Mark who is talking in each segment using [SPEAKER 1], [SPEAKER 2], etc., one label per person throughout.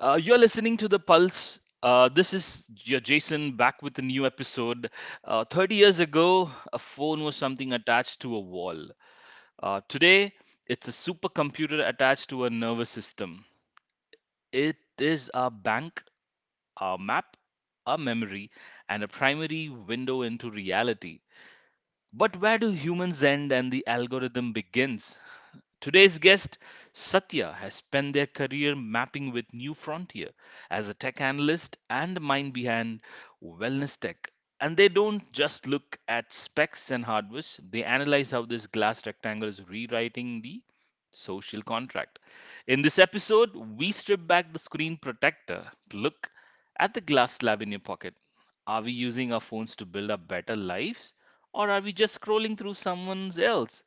[SPEAKER 1] You're listening to The Pulse. This is your Jason back with a new episode. 30 years ago, a phone was something attached to a wall. Today, it's a supercomputer attached to a nervous system. It is our bank, our map, our memory, and a primary window into reality. But where do humans end and the algorithm begins? Today's guest, Satya, has spent their career mapping with New Frontier as a tech analyst and the mind behind wellness tech. And they don't just look at specs and hardware, they analyze how this glass rectangle is rewriting the social contract. In this episode, we strip back the screen protector to look at the glass slab in your pocket. Are we using our phones to build up better lives? Or are we just scrolling through someone else?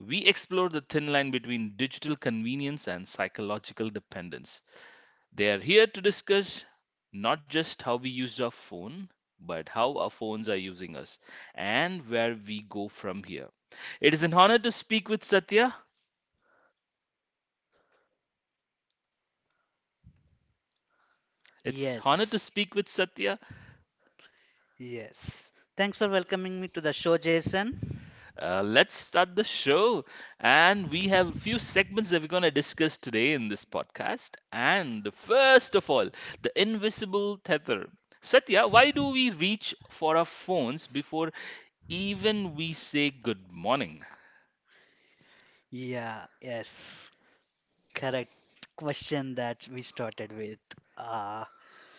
[SPEAKER 1] We explore the thin line between digital convenience and psychological dependence. They are here to discuss not just how we use our phone, but how our phones are using us and where we go from here. It is an honor to speak with Satya. It's honor to
[SPEAKER 2] Yes,
[SPEAKER 1] speak with Satya.
[SPEAKER 2] yes. Thanks for welcoming me to the show, Jason.
[SPEAKER 1] Let's start the show. And we have a few segments that we're going to discuss today in this podcast. And first of all, the invisible tether. Satya, why do we reach for our phones before even we say good morning?
[SPEAKER 2] Yeah, yes, correct question that we started with. Uh,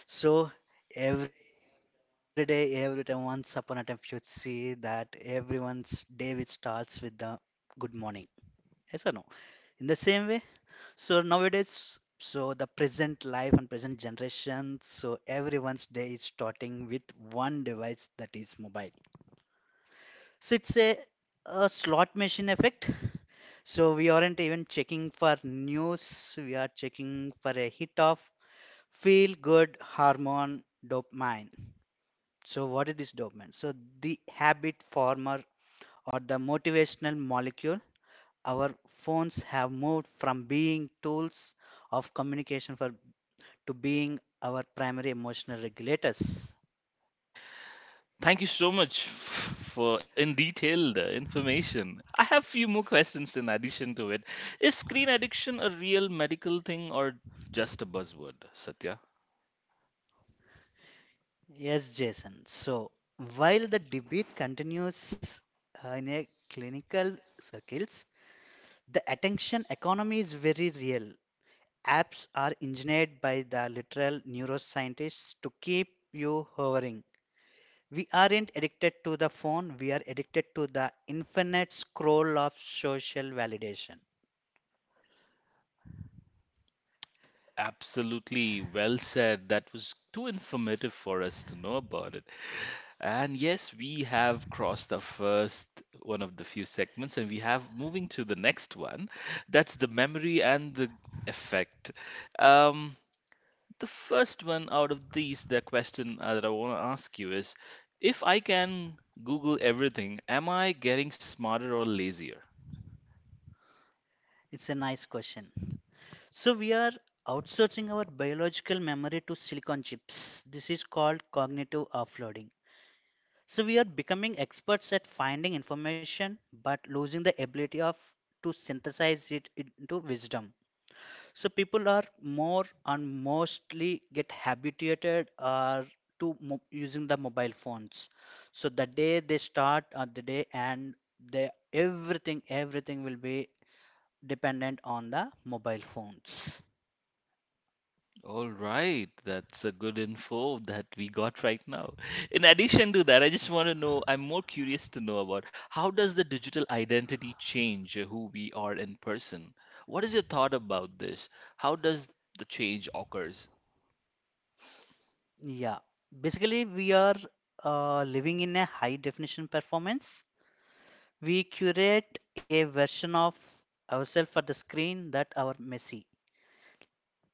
[SPEAKER 2] so every day, every time, once upon a time, you see that everyone's day which starts with the good morning. Yes or no? In the same way, so nowadays, so the present life and present generation, so everyone's day is starting with one device that is mobile. So it's a slot machine effect. So we aren't even checking for news, we are checking for a hit of feel good hormone dopamine. So what is this dopamine? So the habit former or the motivational molecule. Our phones have moved from being tools of communication for to being our primary emotional regulators.
[SPEAKER 1] Thank you so much for in detailed information. I have few more questions in addition to it. Is screen addiction a real medical thing or just a buzzword, Satya?
[SPEAKER 2] Yes, Jason. So while the debate continues in a clinical circles, the attention economy is very real. Apps are engineered by the literal neuroscientists to keep you hovering. We aren't addicted to the phone, we are addicted to the infinite scroll of social validation.
[SPEAKER 1] Absolutely well said. That was too informative for us to know about it. And yes, we have crossed the first one of the few segments, and we have moving to the next one. That's the memory and the effect. Um, the first one out of these, the question that I want to ask you is, if I can Google everything, am I getting smarter or lazier?
[SPEAKER 2] It's a nice question. So we are outsourcing our biological memory to silicon chips. This is called cognitive offloading. So we are becoming experts at finding information but losing the ability of to synthesize it into wisdom. So people are more and mostly get habituated to using the mobile phones. So the day they start or the day and they everything will be dependent on the mobile phones.
[SPEAKER 1] All right, that's a good info that we got right now. In addition to that, I just want to know, I'm more curious to know about how does the digital identity change who we are in person? What is your thought about this? How does the change occurs?
[SPEAKER 2] Yeah, basically we are living in a high definition performance. We curate a version of ourselves for the screen that our messy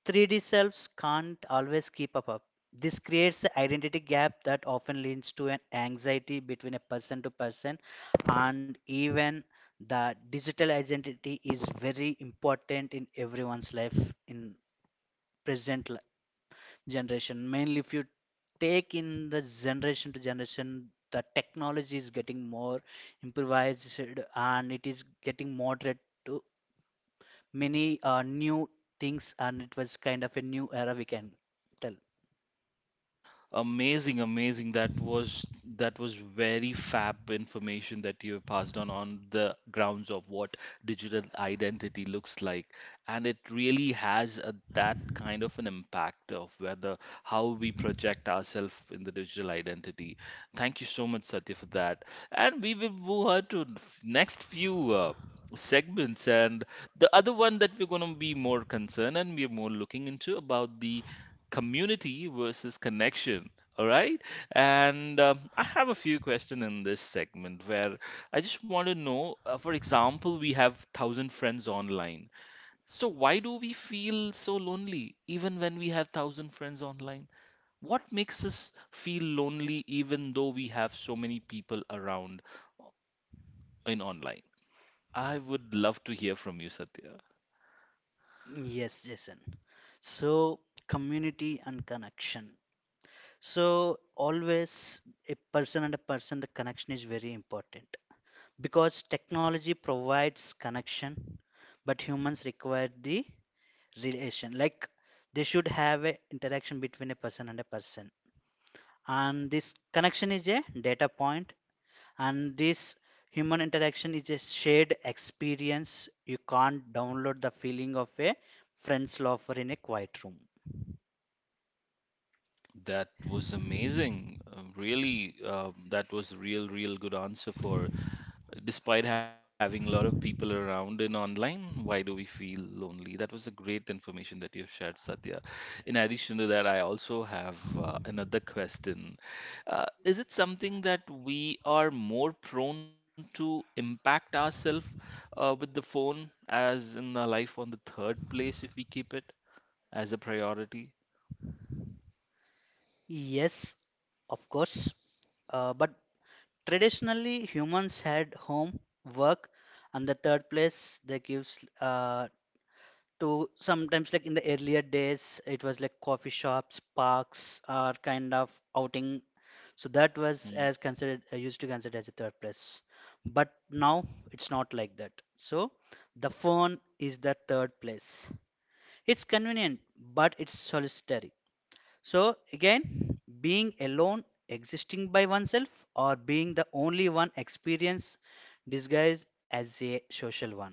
[SPEAKER 2] 3D selves can't always keep up. This creates an identity gap that often leads to an anxiety between a person to person, and even the digital identity is very important in everyone's life in present generation, mainly if you take in the generation to generation the technology is getting more improvised and it is getting moderate to many new things, and it was kind of a new era, we can tell.
[SPEAKER 1] Amazing, amazing. That was very fab information that you have passed on the grounds of what digital identity looks like. And it really has a, that kind of an impact of whether how we project ourselves in the digital identity. Thank you so much, Satya, for that. And we will move on to next few segments and the other one that we're going to be more concerned and we're more looking into about the community versus connection. All right. And I have a few questions in this segment where I just want to know, for example, we have 1,000 friends online. So why do we feel so lonely even when we have 1,000 friends online? What makes us feel lonely even though we have so many people around uh, in online? I would love to hear from you, Satya.
[SPEAKER 2] Yes, Jason. So community and connection, so always a person and a person, the connection is very important because technology provides connection but humans require the relation, like they should have a interaction between a person and a person. And this connection is a data point, and this human interaction is a shared experience. You can't download the feeling of a friend's lover in a quiet room.
[SPEAKER 1] That was amazing. Really, that was real, real good answer for despite having a lot of people around in online, why do we feel lonely? That was a great information that you've shared, Satya. In addition to that, I also have another question. Is it something that we are more prone to impact ourselves with the phone as in our life on the third place if we keep it as a priority?
[SPEAKER 2] Yes, of course. But traditionally humans had home, work, and the third place they gives, uh, to sometimes like in the earlier days it was like coffee shops, parks, or kind of outing. So that was
[SPEAKER 1] Hmm.
[SPEAKER 2] as considered, used to consider as a third place. But now it's not like that, so the phone is the third place. It's convenient, but it's solitary. So again, being alone, existing by oneself, or being the only one experience disguised as a social one.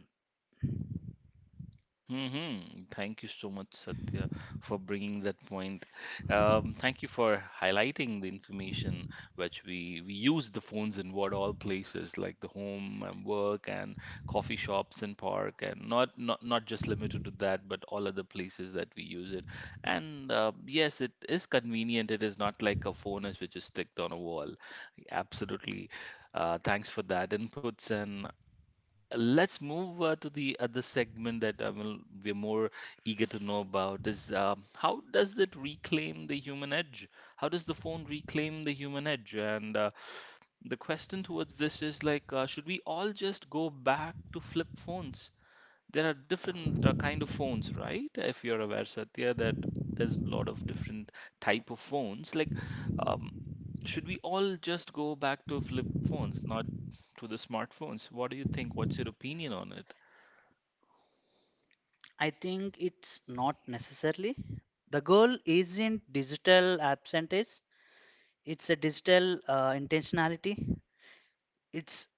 [SPEAKER 1] Mm-hmm. Thank you so much, Satya, for bringing that point. Thank you for highlighting the information which we use the phones in what all places like the home and work and coffee shops and park and not just limited to that, but all other places that we use it. And yes, it is convenient. It is not like a phone is which is sticked on a wall. Absolutely. Thanks for that inputs and let's move to the other segment that will we're more eager to know about is how does it reclaim the human edge? How does the phone reclaim the human edge? And the question towards this is like, should we all just go back to flip phones? There are different kind of phones, right? If you're aware, Satya, that there's a lot of different type of phones. Like, um, should we all just go back to flip phones, not to the smartphones? What do you think? What's your opinion on it?
[SPEAKER 2] I think it's not necessarily. The goal isn't digital absentees, it's a digital intentionality. It's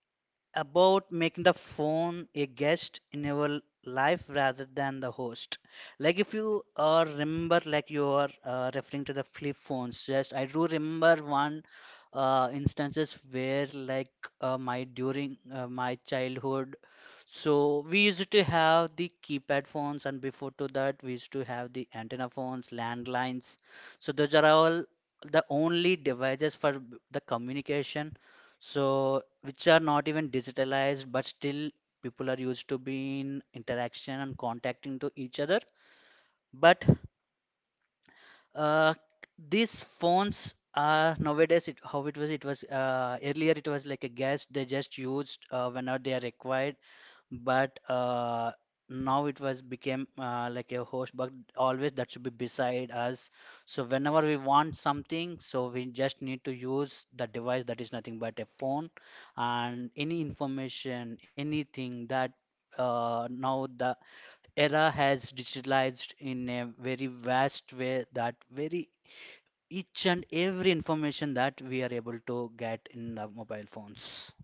[SPEAKER 2] about making the phone a guest in your life rather than the host. Like if you remember, like you are referring to the flip phones. Yes, I do remember one instances where like, my during my childhood, so we used to have the keypad phones, and before to that we used to have the antenna phones, landlines. So those are all the only devices for the communication. So which are not even digitalized, but still people are used to be in interaction and contacting to each other. But uh, these phones are nowadays it, how it was, it was earlier it was like a gas, they just used whenever they are required. But now it was became like a host, but always that should be beside us. So whenever we want something, so we just need to use the device that is nothing but a phone. And any information, anything that, now the era has digitalized in a very vast way, that very each and every information that we are able to get in the mobile phones.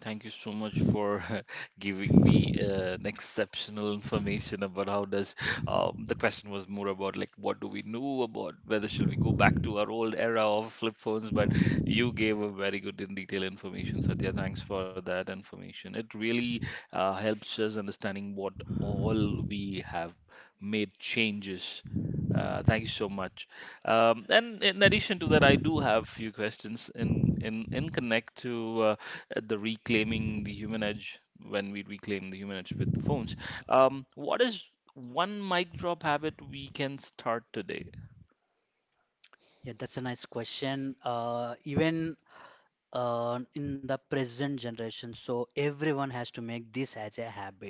[SPEAKER 1] Thank you so much for giving me an exceptional information about how does the question was more about like what do we know about whether shall we go back to our old era of flip phones, but you gave a very good in detail information, Satya. Thanks for that information. It really helps us understanding what all we have made changes. Thank you so much. And in addition to that, I do have few questions in connect to the reclaiming the human edge when we reclaim the human edge with the phones. What is one mic drop habit we can start today?
[SPEAKER 2] Yeah, that's a nice question. Even in the present generation, so everyone has to make this as a habit.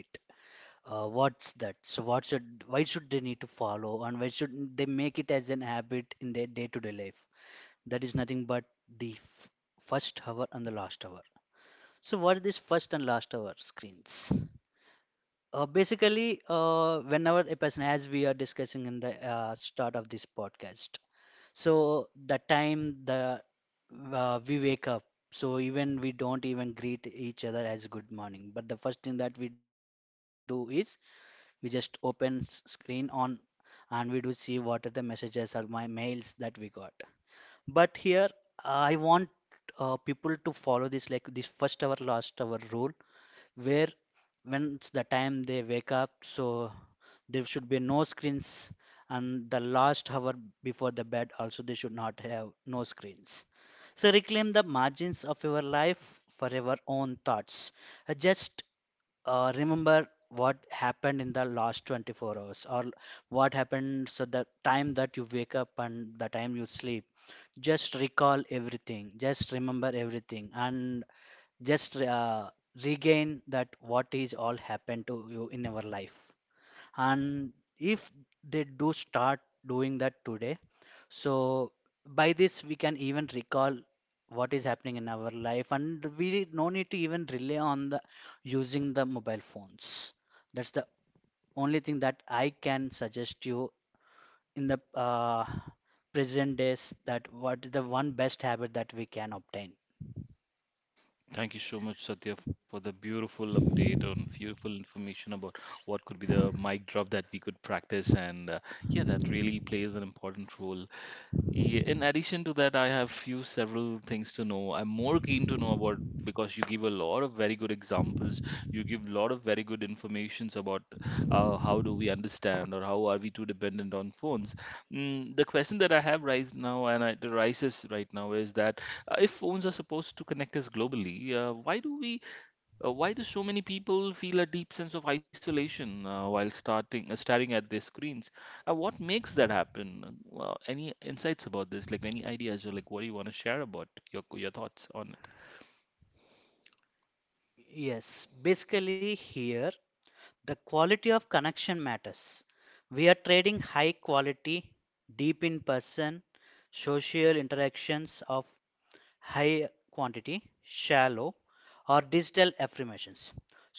[SPEAKER 2] What's that? So what should, why should they need to follow, and why should they make it as an habit in their day-to-day life? That is nothing but the f first hour and the last hour. So what is this first and last hour screens? Basically, whenever a person, as we are discussing in the start of this podcast, so the time the, we wake up, so even we don't even greet each other as good morning. But the first thing that we do is we just open screen on, and we do see what are the messages or my mails that we got. But here I want people to follow this like this first hour last hour rule, where when's the time they wake up, so there should be no screens, and the last hour before the bed also they should not have no screens. So reclaim the margins of your life for your own thoughts. Just remember what happened in the last 24 hours or what happened, so the time that you wake up and the time you sleep, just recall everything, just remember everything, and just regain that what is all happened to you in your life. And if they do start doing that today, so by this we can even recall what is happening in our life, and we no need to even rely on the using the mobile phones. That's the only thing that I can suggest you in the present days, that what is the one best habit that we can obtain.
[SPEAKER 1] Thank you so much, Satya, for the beautiful update on beautiful information about what could be the mic drop that we could practice. And yeah, that really plays an important role. Yeah, in addition to that, I have few several things to know. I'm more keen to know about because you give a lot of very good examples. You give a lot of very good informations about how do we understand or how are we too dependent on phones. The question that I have right now that right now is that if phones are supposed to connect us globally, why do so many people feel a deep sense of isolation while starting staring at their screens? What makes that happen? Any insights about this? Like any ideas or like what do you want to share about your thoughts on it?
[SPEAKER 2] Yes, basically here the quality of connection matters. We are trading high quality, deep in person, social interactions of high quantity, shallow, or digital affirmations.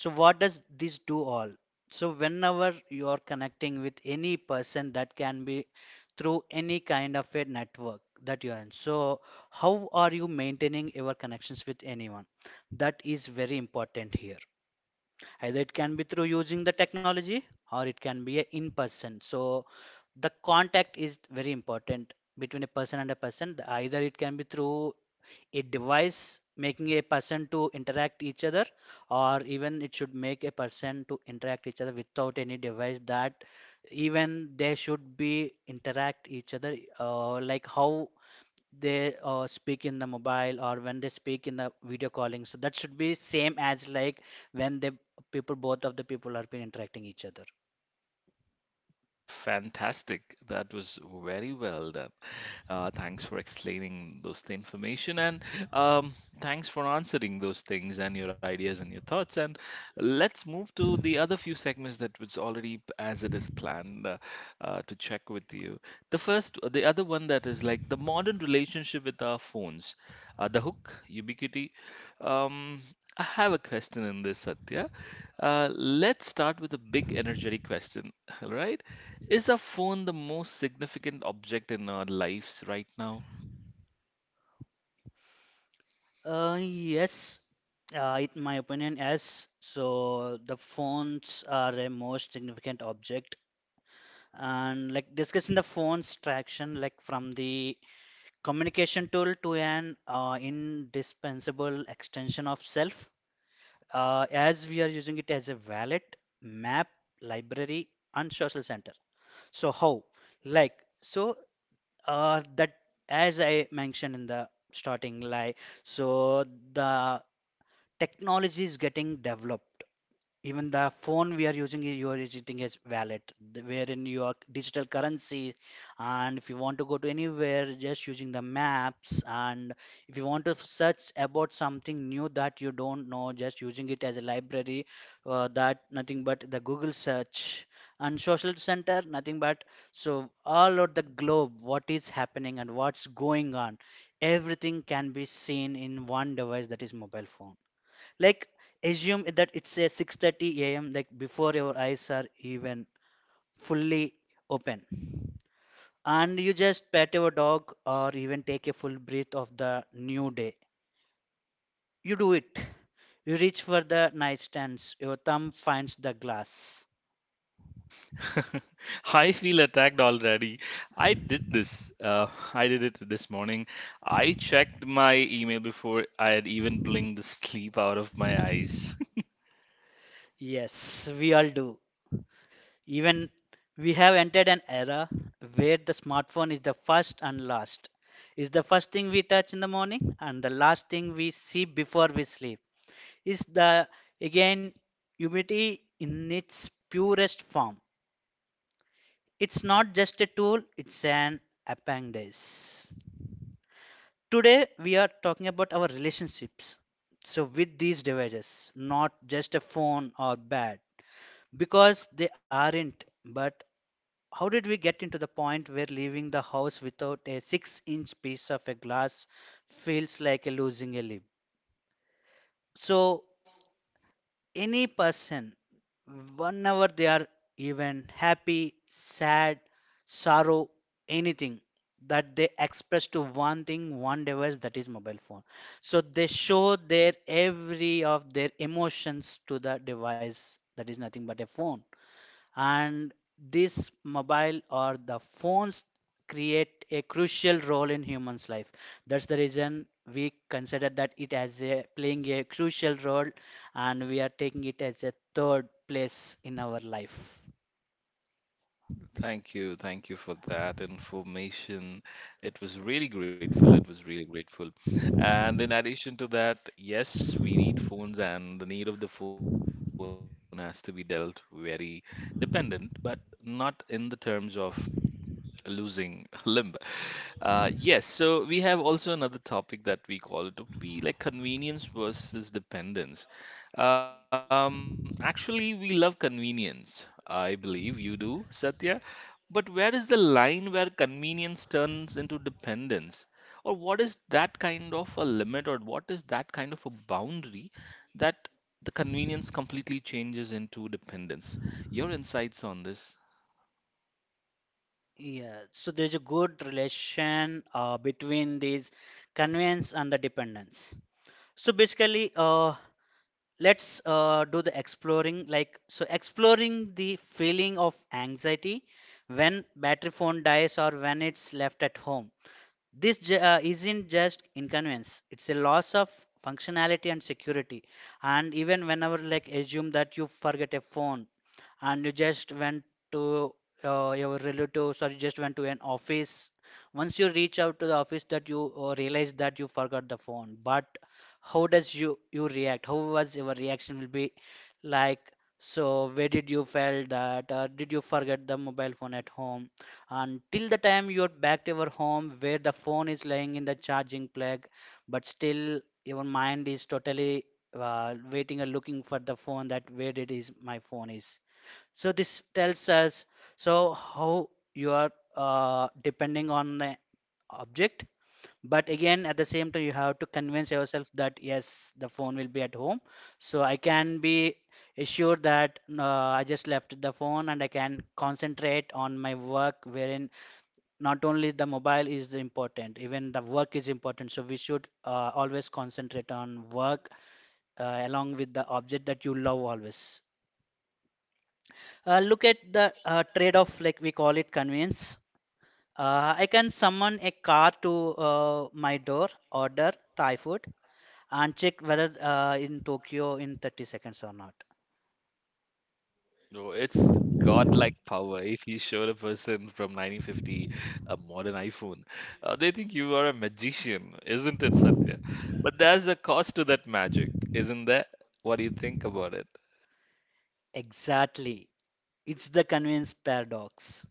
[SPEAKER 2] So, what does this do all? So, whenever you are connecting with any person, that can be through any kind of a network that you are in. So, how are you maintaining your connections with anyone? That is very important here. Either it can be through using the technology, or it can be a in person. So the contact is very important between a person and a person. Either it can be through a device making a person to interact each other, or even it should make a person to interact each other without any device. That even they should be interact each other, like how they speak in the mobile or when they speak in the video calling, so that should be same as like when the people, both of the people are been interacting each other.
[SPEAKER 1] Fantastic. That was very well done. Thanks for explaining those the information and um, thanks for answering those things and your ideas and your thoughts. And let's move to the other few segments that was already as it is planned to check with you. The other one that is like the modern relationship with our phones. The hook, ubiquity. Um, I have a question in this, Satya. Let's start with a big energetic question, all right? Is a phone the most significant object in our lives right now?
[SPEAKER 2] Yes, in my opinion, yes, so the phones are a most significant object. And like discussing the phone's traction, like from the communication tool to an indispensable extension of self, as we are using it as a wallet, map, library, and social center. So how? Like so that, as I mentioned in the starting, like so the technology is getting developed. Even the phone we are using, you are using as wallet, wherein your digital currency. And if you want to go to anywhere, just using the maps. And if you want to search about something new that you don't know, just using it as a library, that nothing but the Google search. And social center, nothing but, so all over the globe what is happening and what's going on, everything can be seen in one device that is mobile phone. Like assume that it's a 6:30 a.m., like before your eyes are even fully open, and you just pet your dog or even take a full breath of the new day, you do it, you reach for the nightstands, your thumb finds the glass.
[SPEAKER 1] I feel attacked already. I did this. I did it this morning. I checked my email before I had even blinked the sleep out of my eyes.
[SPEAKER 2] Yes, we all do. Even we have entered an era where the smartphone is the first and last, is the first thing we touch in the morning and the last thing we see before we sleep, is the, again, humidity in its purest form. It's not just a tool, it's an appendage. Today we are talking about our relationships. So with these devices, not just a phone or bed, because they aren't. But how did we get into the point where leaving the house without a six-inch piece of a glass feels like a losing a limb? So any person, whenever they are even happy, sad, sorrow, anything that they express to one thing, one device that is mobile phone. So they show their every of their emotions to the device that is nothing but a phone, and this mobile or the phones create a crucial role in humans life. That's the reason we consider that it as a playing a crucial role, and we are taking it as a third place in our life.
[SPEAKER 1] Thank you. Thank you for that information. It was really grateful. It was really grateful. And in addition to that, yes, we need phones, and the need of the phone has to be dealt very dependent, but not in the terms of losing limb. Yes, so we have also another topic that we call it to be like convenience versus dependence. Actually, we love convenience. I believe you do, Satya. But where is the line where convenience turns into dependence? Or what is that kind of a limit, or what is that kind of a boundary that the convenience completely changes into dependence? Your insights on this?
[SPEAKER 2] Yeah, so there's a good relation between these convenience and the dependence. So basically, let's do the exploring, like, so exploring the feeling of anxiety when battery phone dies or when it's left at home. This isn't just inconvenience, it's a loss of functionality and security. And even whenever, like, assume that you forget a phone and you just went to your relatives, or you just went to an office. Once you reach out to the office, that you realize that you forgot the phone. But how does you react? How was your reaction will be like? So where did you felt that? Or did you forget the mobile phone at home? Until the time you're back to your home, where the phone is lying in the charging plug, but still your mind is totally waiting and looking for the phone, that where it is my phone is. So this tells us so how you are depending on the object. But again, at the same time, you have to convince yourself that yes, the phone will be at home, so I can be assured that I just left the phone and I can concentrate on my work, wherein not only the mobile is important, even the work is important, so we should always concentrate on work along with the object that you love. Always look at the trade off, like, we call it convenience. I can summon a car to my door, order thai food, and check whether in tokyo in 30 seconds or not.
[SPEAKER 1] No, it's godlike power. If you showed a person from 1950 a modern iPhone, they think you are a magician, isn't it, Satya? But there's a cost to that magic, isn't there? What do you think about it?
[SPEAKER 2] Exactly. It's the convenience paradox.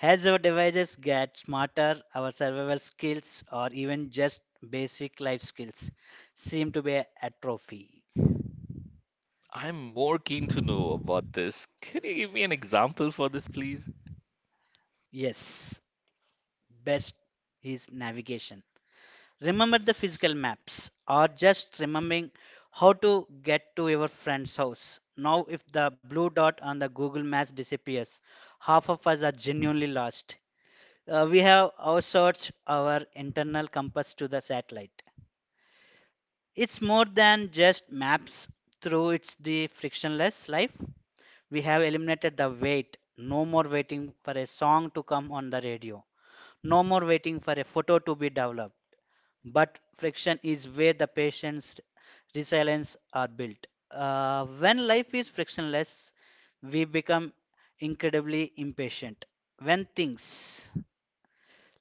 [SPEAKER 2] As our devices get smarter, our survival skills or even just basic life skills seem to be atrophy.
[SPEAKER 1] I'm more keen to know about this. Can you give me an example for this, please?
[SPEAKER 2] Yes, best is navigation. Remember the physical maps or just remembering how to get to your friend's house. Now, if the blue dot on the Google Maps disappears, half of us are genuinely lost. We have outsourced our internal compass to the satellite. It's more than just maps, through it's the frictionless life. We have eliminated the wait. No more waiting for a song to come on the radio. No more waiting for a photo to be developed. But friction is where the patient's resilience are built. When life is frictionless, we become incredibly impatient. When things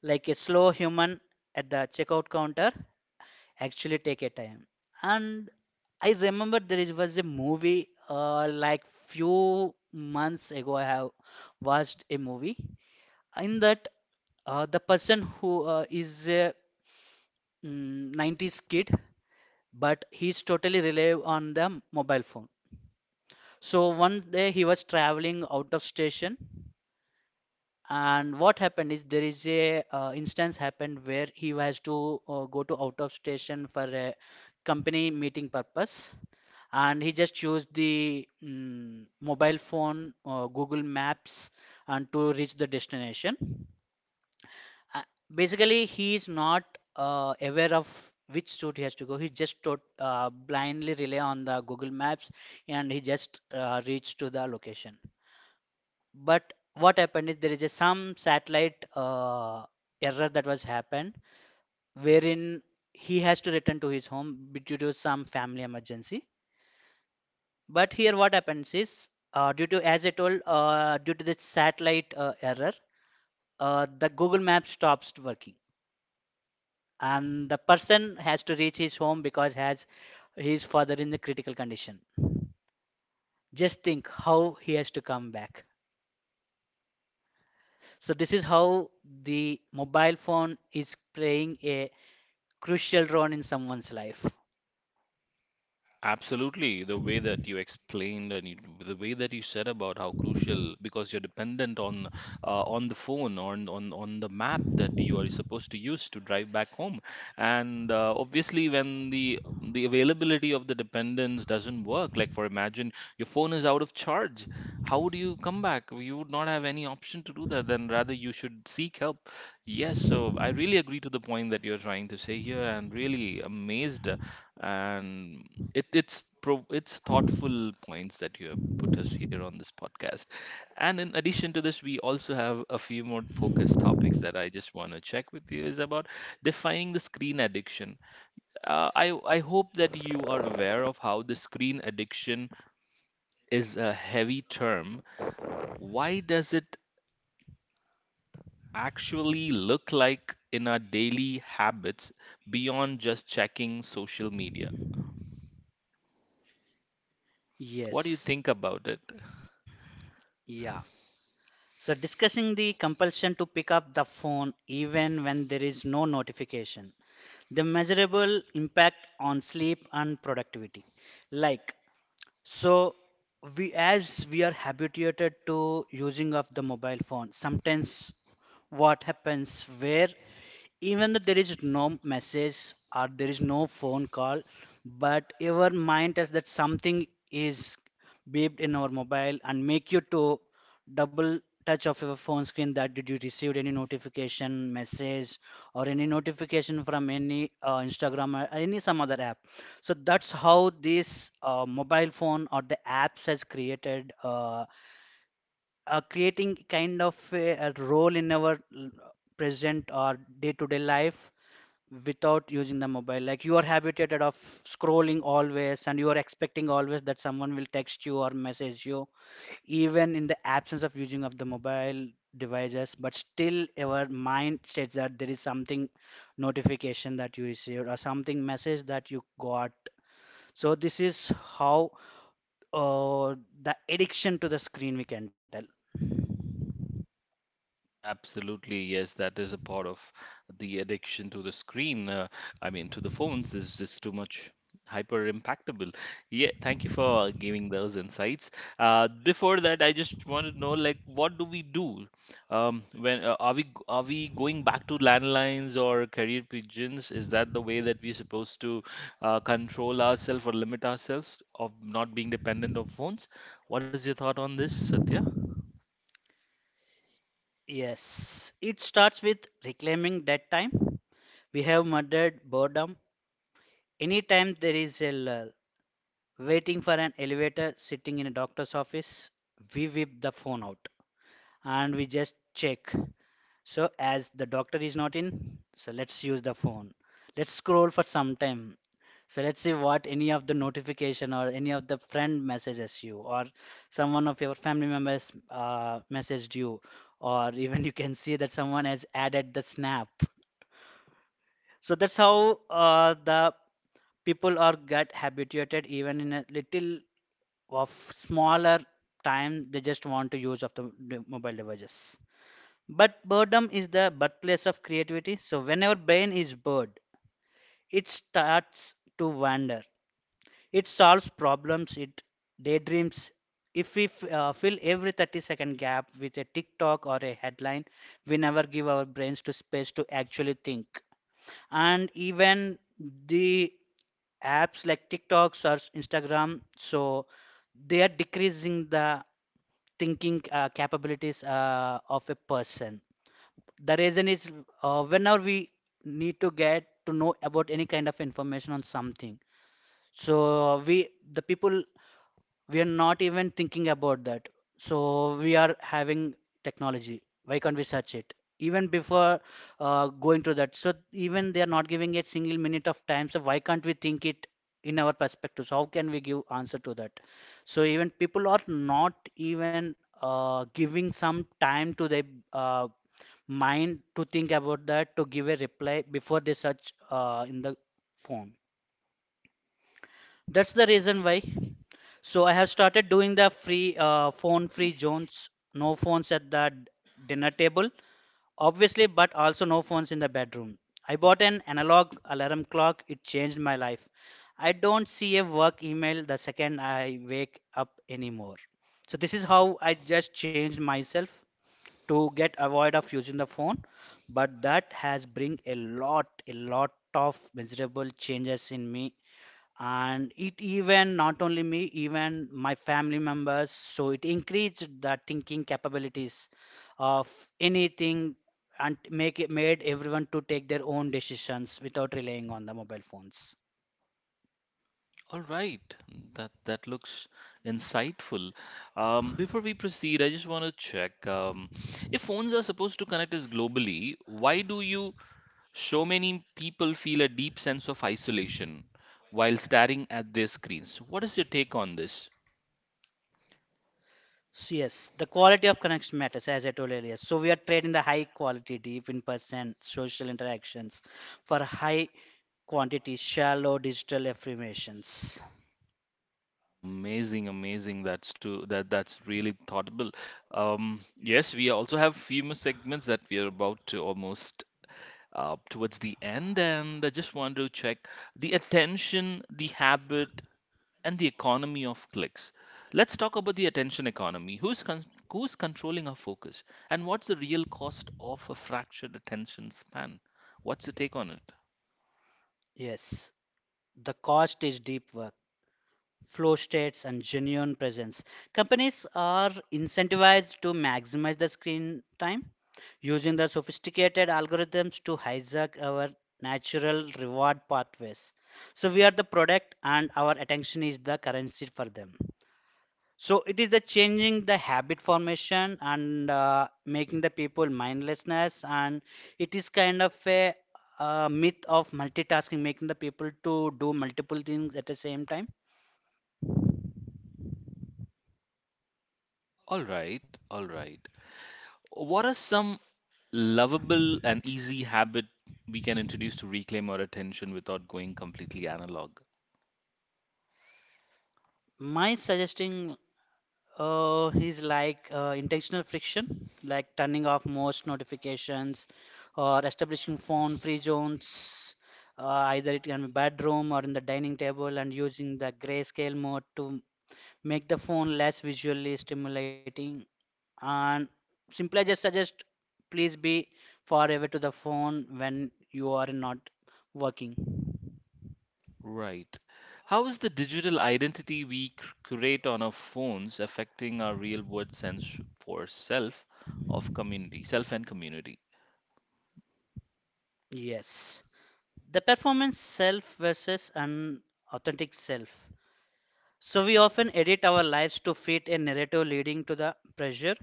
[SPEAKER 2] like a slow human at the checkout counter actually take a time, and I remember there was a movie like few months ago I have watched a movie. In that the person who is a 90s kid but he's totally rely on the mobile phone. So one day he was traveling out of station, and what happened is there is a instance happened where he has to go to out of station for a company meeting purpose, and he just used the mobile phone google maps and to reach the destination. uh, Basically he is not aware of which route he has to go, he just blindly rely on the google maps, and he just reached to the location. But what happened is there is a some satellite error that was happened, wherein he has to return to his home due to some family emergency. But here what happens is due to as I told, due to the satellite error, the Google Map stops working and the person has to reach his home because has his father in the critical condition. Just think how he has to come back. So this is how the mobile phone is playing a crucial role in someone's life.
[SPEAKER 1] Absolutely. The way that you explained and you, the way that you said about how crucial, because you're dependent on the phone, on the map that you are supposed to use to drive back home. And obviously, when the availability of the dependence doesn't work, like for imagine your phone is out of charge, how do you come back? You would not have any option to do that. Then rather you should seek help. Yes. So I really agree to the point that you're trying to say here, and really amazed and it it's pro it's thoughtful points that you have put us here on this podcast. And in addition to this, we also have a few more focused topics that I just want to check with you is about defining the screen addiction. I hope that you are aware of how the screen addiction is a heavy term. Why does it actually look like in our daily habits beyond just checking social media? What do you
[SPEAKER 2] Yes,
[SPEAKER 1] think about it?
[SPEAKER 2] yeah. So, discussing the compulsion to pick up the phone even when there is no notification, the measurable impact on sleep and productivity. Like, so we as we are habituated to using of the mobile phone, sometimes what happens where even though there is no message or there is no phone call, but your mind tells that something is beeped in our mobile and make you to double touch of your phone screen, that did you received any notification message or any notification from any instagram or any some other app. So that's how this mobile phone or the apps has created creating kind of a role in our present or day-to-day life. Without using the mobile, like you are habituated of scrolling always, and you are expecting always that someone will text you or message you, even in the absence of using of the mobile devices, but still our mind states that there is something notification that you received or something message that you got. So this is how uh, the addiction to the screen we can tell.
[SPEAKER 1] Absolutely, yes, that is a part of the addiction to the screen. I mean, to the phones is just too much hyper impactable. Yeah, thank you for giving those insights. Before that, I just want to know, like, what do we do? When are we going back to landlines or carrier pigeons? Is that the way that we're supposed to control ourselves or limit ourselves of not being dependent of phones? What is your thought on this, Satya?
[SPEAKER 2] Yes, it starts with reclaiming that time. We have murdered boredom. Anytime there is a lull, waiting for an elevator, sitting in a doctor's office, we whip the phone out and we just check. So, as the doctor is not in, so let's use the phone. Let's scroll for some time. So let's see what any of the notification or any of the friend messages you, or someone of your family members messaged you, or even you can see that someone has added the snap. So that's how the people are get habituated, even in a little of smaller time they just want to use of the mobile devices. But boredom is the birthplace of creativity, so whenever brain is bored, it starts to wander, it solves problems, it daydreams. If we fill every 30-second gap with a tiktok or a headline, we never give our brains to space to actually think. And even the apps like tiktoks or instagram, so they are decreasing the thinking capabilities of a person. The reason is whenever we need to get to know about any kind of information on something. So we the people, we are not even thinking about that. So we are having technology, why can't we search it, even before going to that? So even they are not giving a single minute of time, so why can't we think it in our perspective, so how can we give answer to that? So even people are not even giving some time to their uh, mind to think about that, to give a reply before they search in the phone. That's the reason why. So I have started doing the free phone free zones, no phones at the dinner table, obviously, but also no phones in the bedroom. I bought an analog alarm clock, it changed my life. I don't see a work email the second I wake up anymore. So this is how I just changed myself to get avoid of using the phone, but that has bring a lot of miserable changes in me, and it even not only me, even my family members. So it increased the thinking capabilities of anything, and make it made everyone to take their own decisions without relying on the mobile phones.
[SPEAKER 1] All right, that looks insightful. Before we proceed, I just want to check if phones are supposed to connect us globally, why do you so many people feel a deep sense of isolation while staring at their screens? What is your take on this?
[SPEAKER 2] So yes, the quality of connection matters, as I told earlier. So we are trading the high quality deep in person social interactions for high quantity shallow digital affirmations.
[SPEAKER 1] Amazing, amazing. That's too that that's really thoughtful. Yes, we also have few more segments that we are about to almost towards the end, and I just want to check the attention, the habit, and the economy of clicks. Let's talk about the attention economy. Who's controlling our focus, and what's the real cost of a fractured attention span? What's the take on it?
[SPEAKER 2] Yes, the cost is deep work, flow states, and genuine presence. Companies are incentivized to maximize the screen time using the sophisticated algorithms to hijack our natural reward pathways. So we are the product and our attention is the currency for them. So it is the changing the habit formation, and making the people mindlessness, and it is kind of a myth of multitasking, making the people to do multiple things at the same time.
[SPEAKER 1] All right, all right. What are some lovable and easy habit we can introduce to reclaim our attention without going completely analog.
[SPEAKER 2] My suggesting is like intentional friction, like turning off most notifications or establishing phone free zones. Uh, Either it can be bedroom or in the dining table, and using the grayscale mode to make the phone less visually stimulating. And simply just suggest, please be far away to the phone when you are not working.
[SPEAKER 1] Right. How is the digital identity we create on our phones affecting our real world sense for self of community, self and community?
[SPEAKER 2] Yes. The performance self versus an authentic self. So we often edit our lives to fit a narrative, leading to the pressure,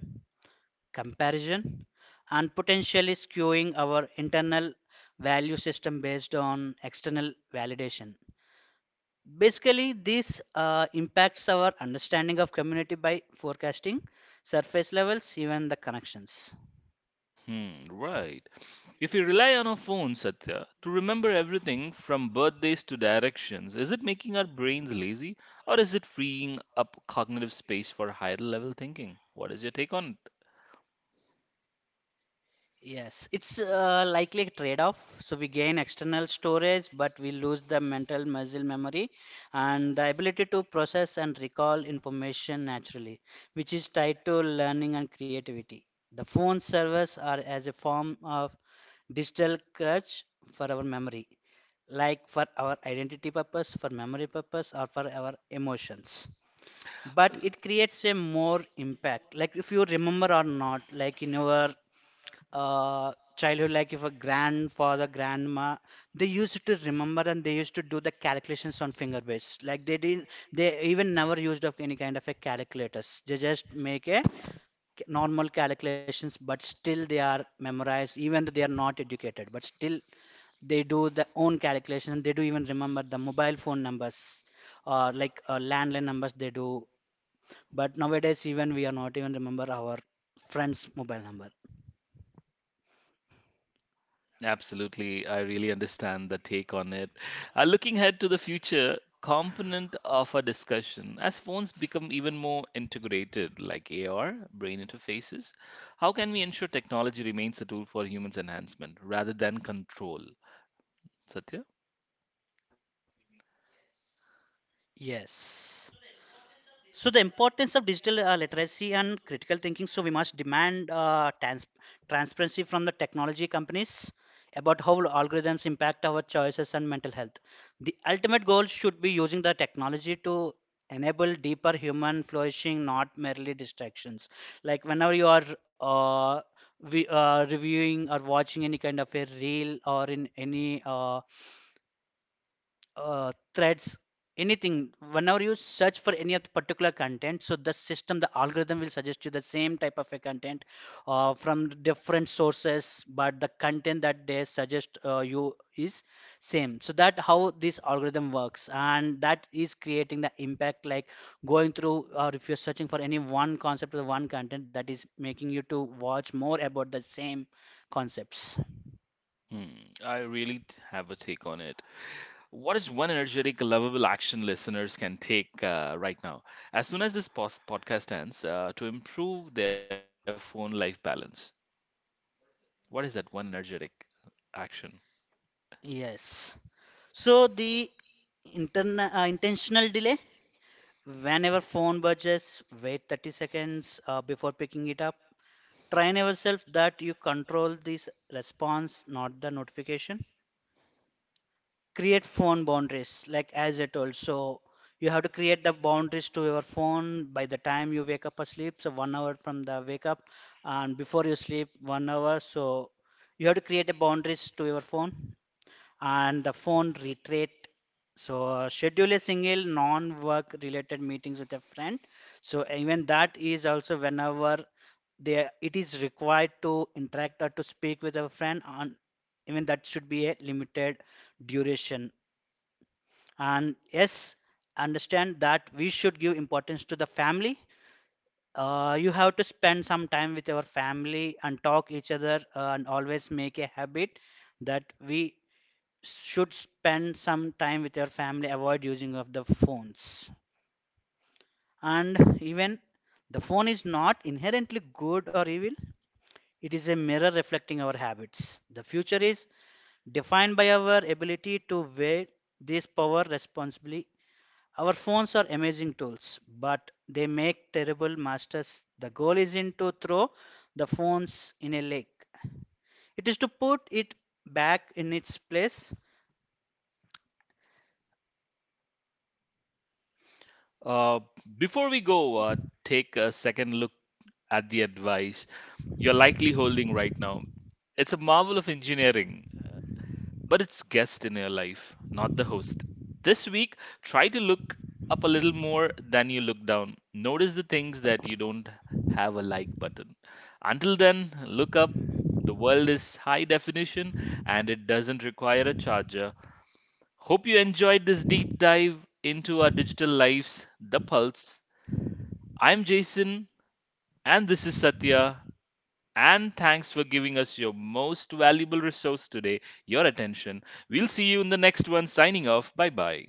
[SPEAKER 2] comparison, and potentially skewing our internal value system based on external validation. Basically, this impacts our understanding of community by forecasting surface levels, even the connections.
[SPEAKER 1] Hmm, right. If we rely on our phones, Satya, to remember everything from birthdays to directions, is it making our brains lazy or is it freeing up cognitive space for higher level thinking? What is your take on it?
[SPEAKER 2] Yes, it's likely a trade-off. So we gain external storage, but we lose the mental muscle memory and the ability to process and recall information naturally, which is tied to learning and creativity. The phone servers are as a form of digital crutch for our memory, like for our identity purpose, for memory purpose, or for our emotions. But it creates a more impact. Like if you remember or not, like in your childhood, like if a grandfather grandma, they used to remember and they used to do the calculations on finger based, like they didn't, they even never used of any kind of a calculators, they just make a normal calculations, but still they are memorized even though they are not educated, but still they do their own calculations. They do even remember the mobile phone numbers or like landline numbers they do, but nowadays even we are not even remember our friends mobile number.
[SPEAKER 1] Absolutely. I really understand the take on it. Looking ahead to the future component of our discussion, as phones become even more integrated, like AR, brain interfaces, how can we ensure technology remains a tool for humans' enhancement rather than control? Satya?
[SPEAKER 2] Yes. So the importance of digital literacy and critical thinking. So we must demand transparency from the technology companies about how algorithms impact our choices and mental health. The ultimate goal should be using the technology to enable deeper human flourishing, not merely distractions. Like whenever you are uh, reviewing or watching any kind of a reel or in any threads, anything. Whenever you search for any of the particular content, so the system, the algorithm will suggest you the same type of a content from different sources, but the content that they suggest you is same. So that how this algorithm works, and that is creating the impact, like going through, or if you're searching for any one concept or one content, that is making you to watch more about the same concepts.
[SPEAKER 1] Hmm, I really have a take on it. What is one energetic, lovable action listeners can take right now, as soon as this podcast ends, to improve their phone life balance? What is that one energetic action?
[SPEAKER 2] Yes, so the intentional delay. Whenever phone buzzes, wait 30 seconds before picking it up. Train yourself that you control this response, not the notification. Create phone boundaries, like as I told. So you have to create the boundaries to your phone by the time you wake up or sleep. So one hour from the wake up, and before you sleep, one hour. So you have to create the boundaries to your phone and the phone retreat. So schedule a single non-work related meetings with a friend. So even that is also, whenever they it is required to interact or to speak with a friend on, even that should be a limited duration. And yes, understand that we should give importance to the family. You have to spend some time with your family and talk each other, and always make a habit that we should spend some time with your family, avoid using of the phones. And even the phone is not inherently good or evil, it is a mirror reflecting our habits. The future is defined by our ability to weigh this power responsibly. Our phones are amazing tools, but they make terrible masters. The goal isn't to throw the phones in a lake, it is to put it back in its place.
[SPEAKER 1] Uh, Before we go, take a second look at the advice you're likely holding right now. It's a marvel of engineering, but it's guest in your life, not the host. This week, try to look up a little more than you look down. Notice the things that you don't have a like button. Until then, look up. The world is high definition and it doesn't require a charger. Hope you enjoyed this deep dive into our digital lives, The Pulse. I'm Jason, and this is Satya. And thanks for giving us your most valuable resource today, your attention. We'll see you in the next one. Signing off. Bye bye.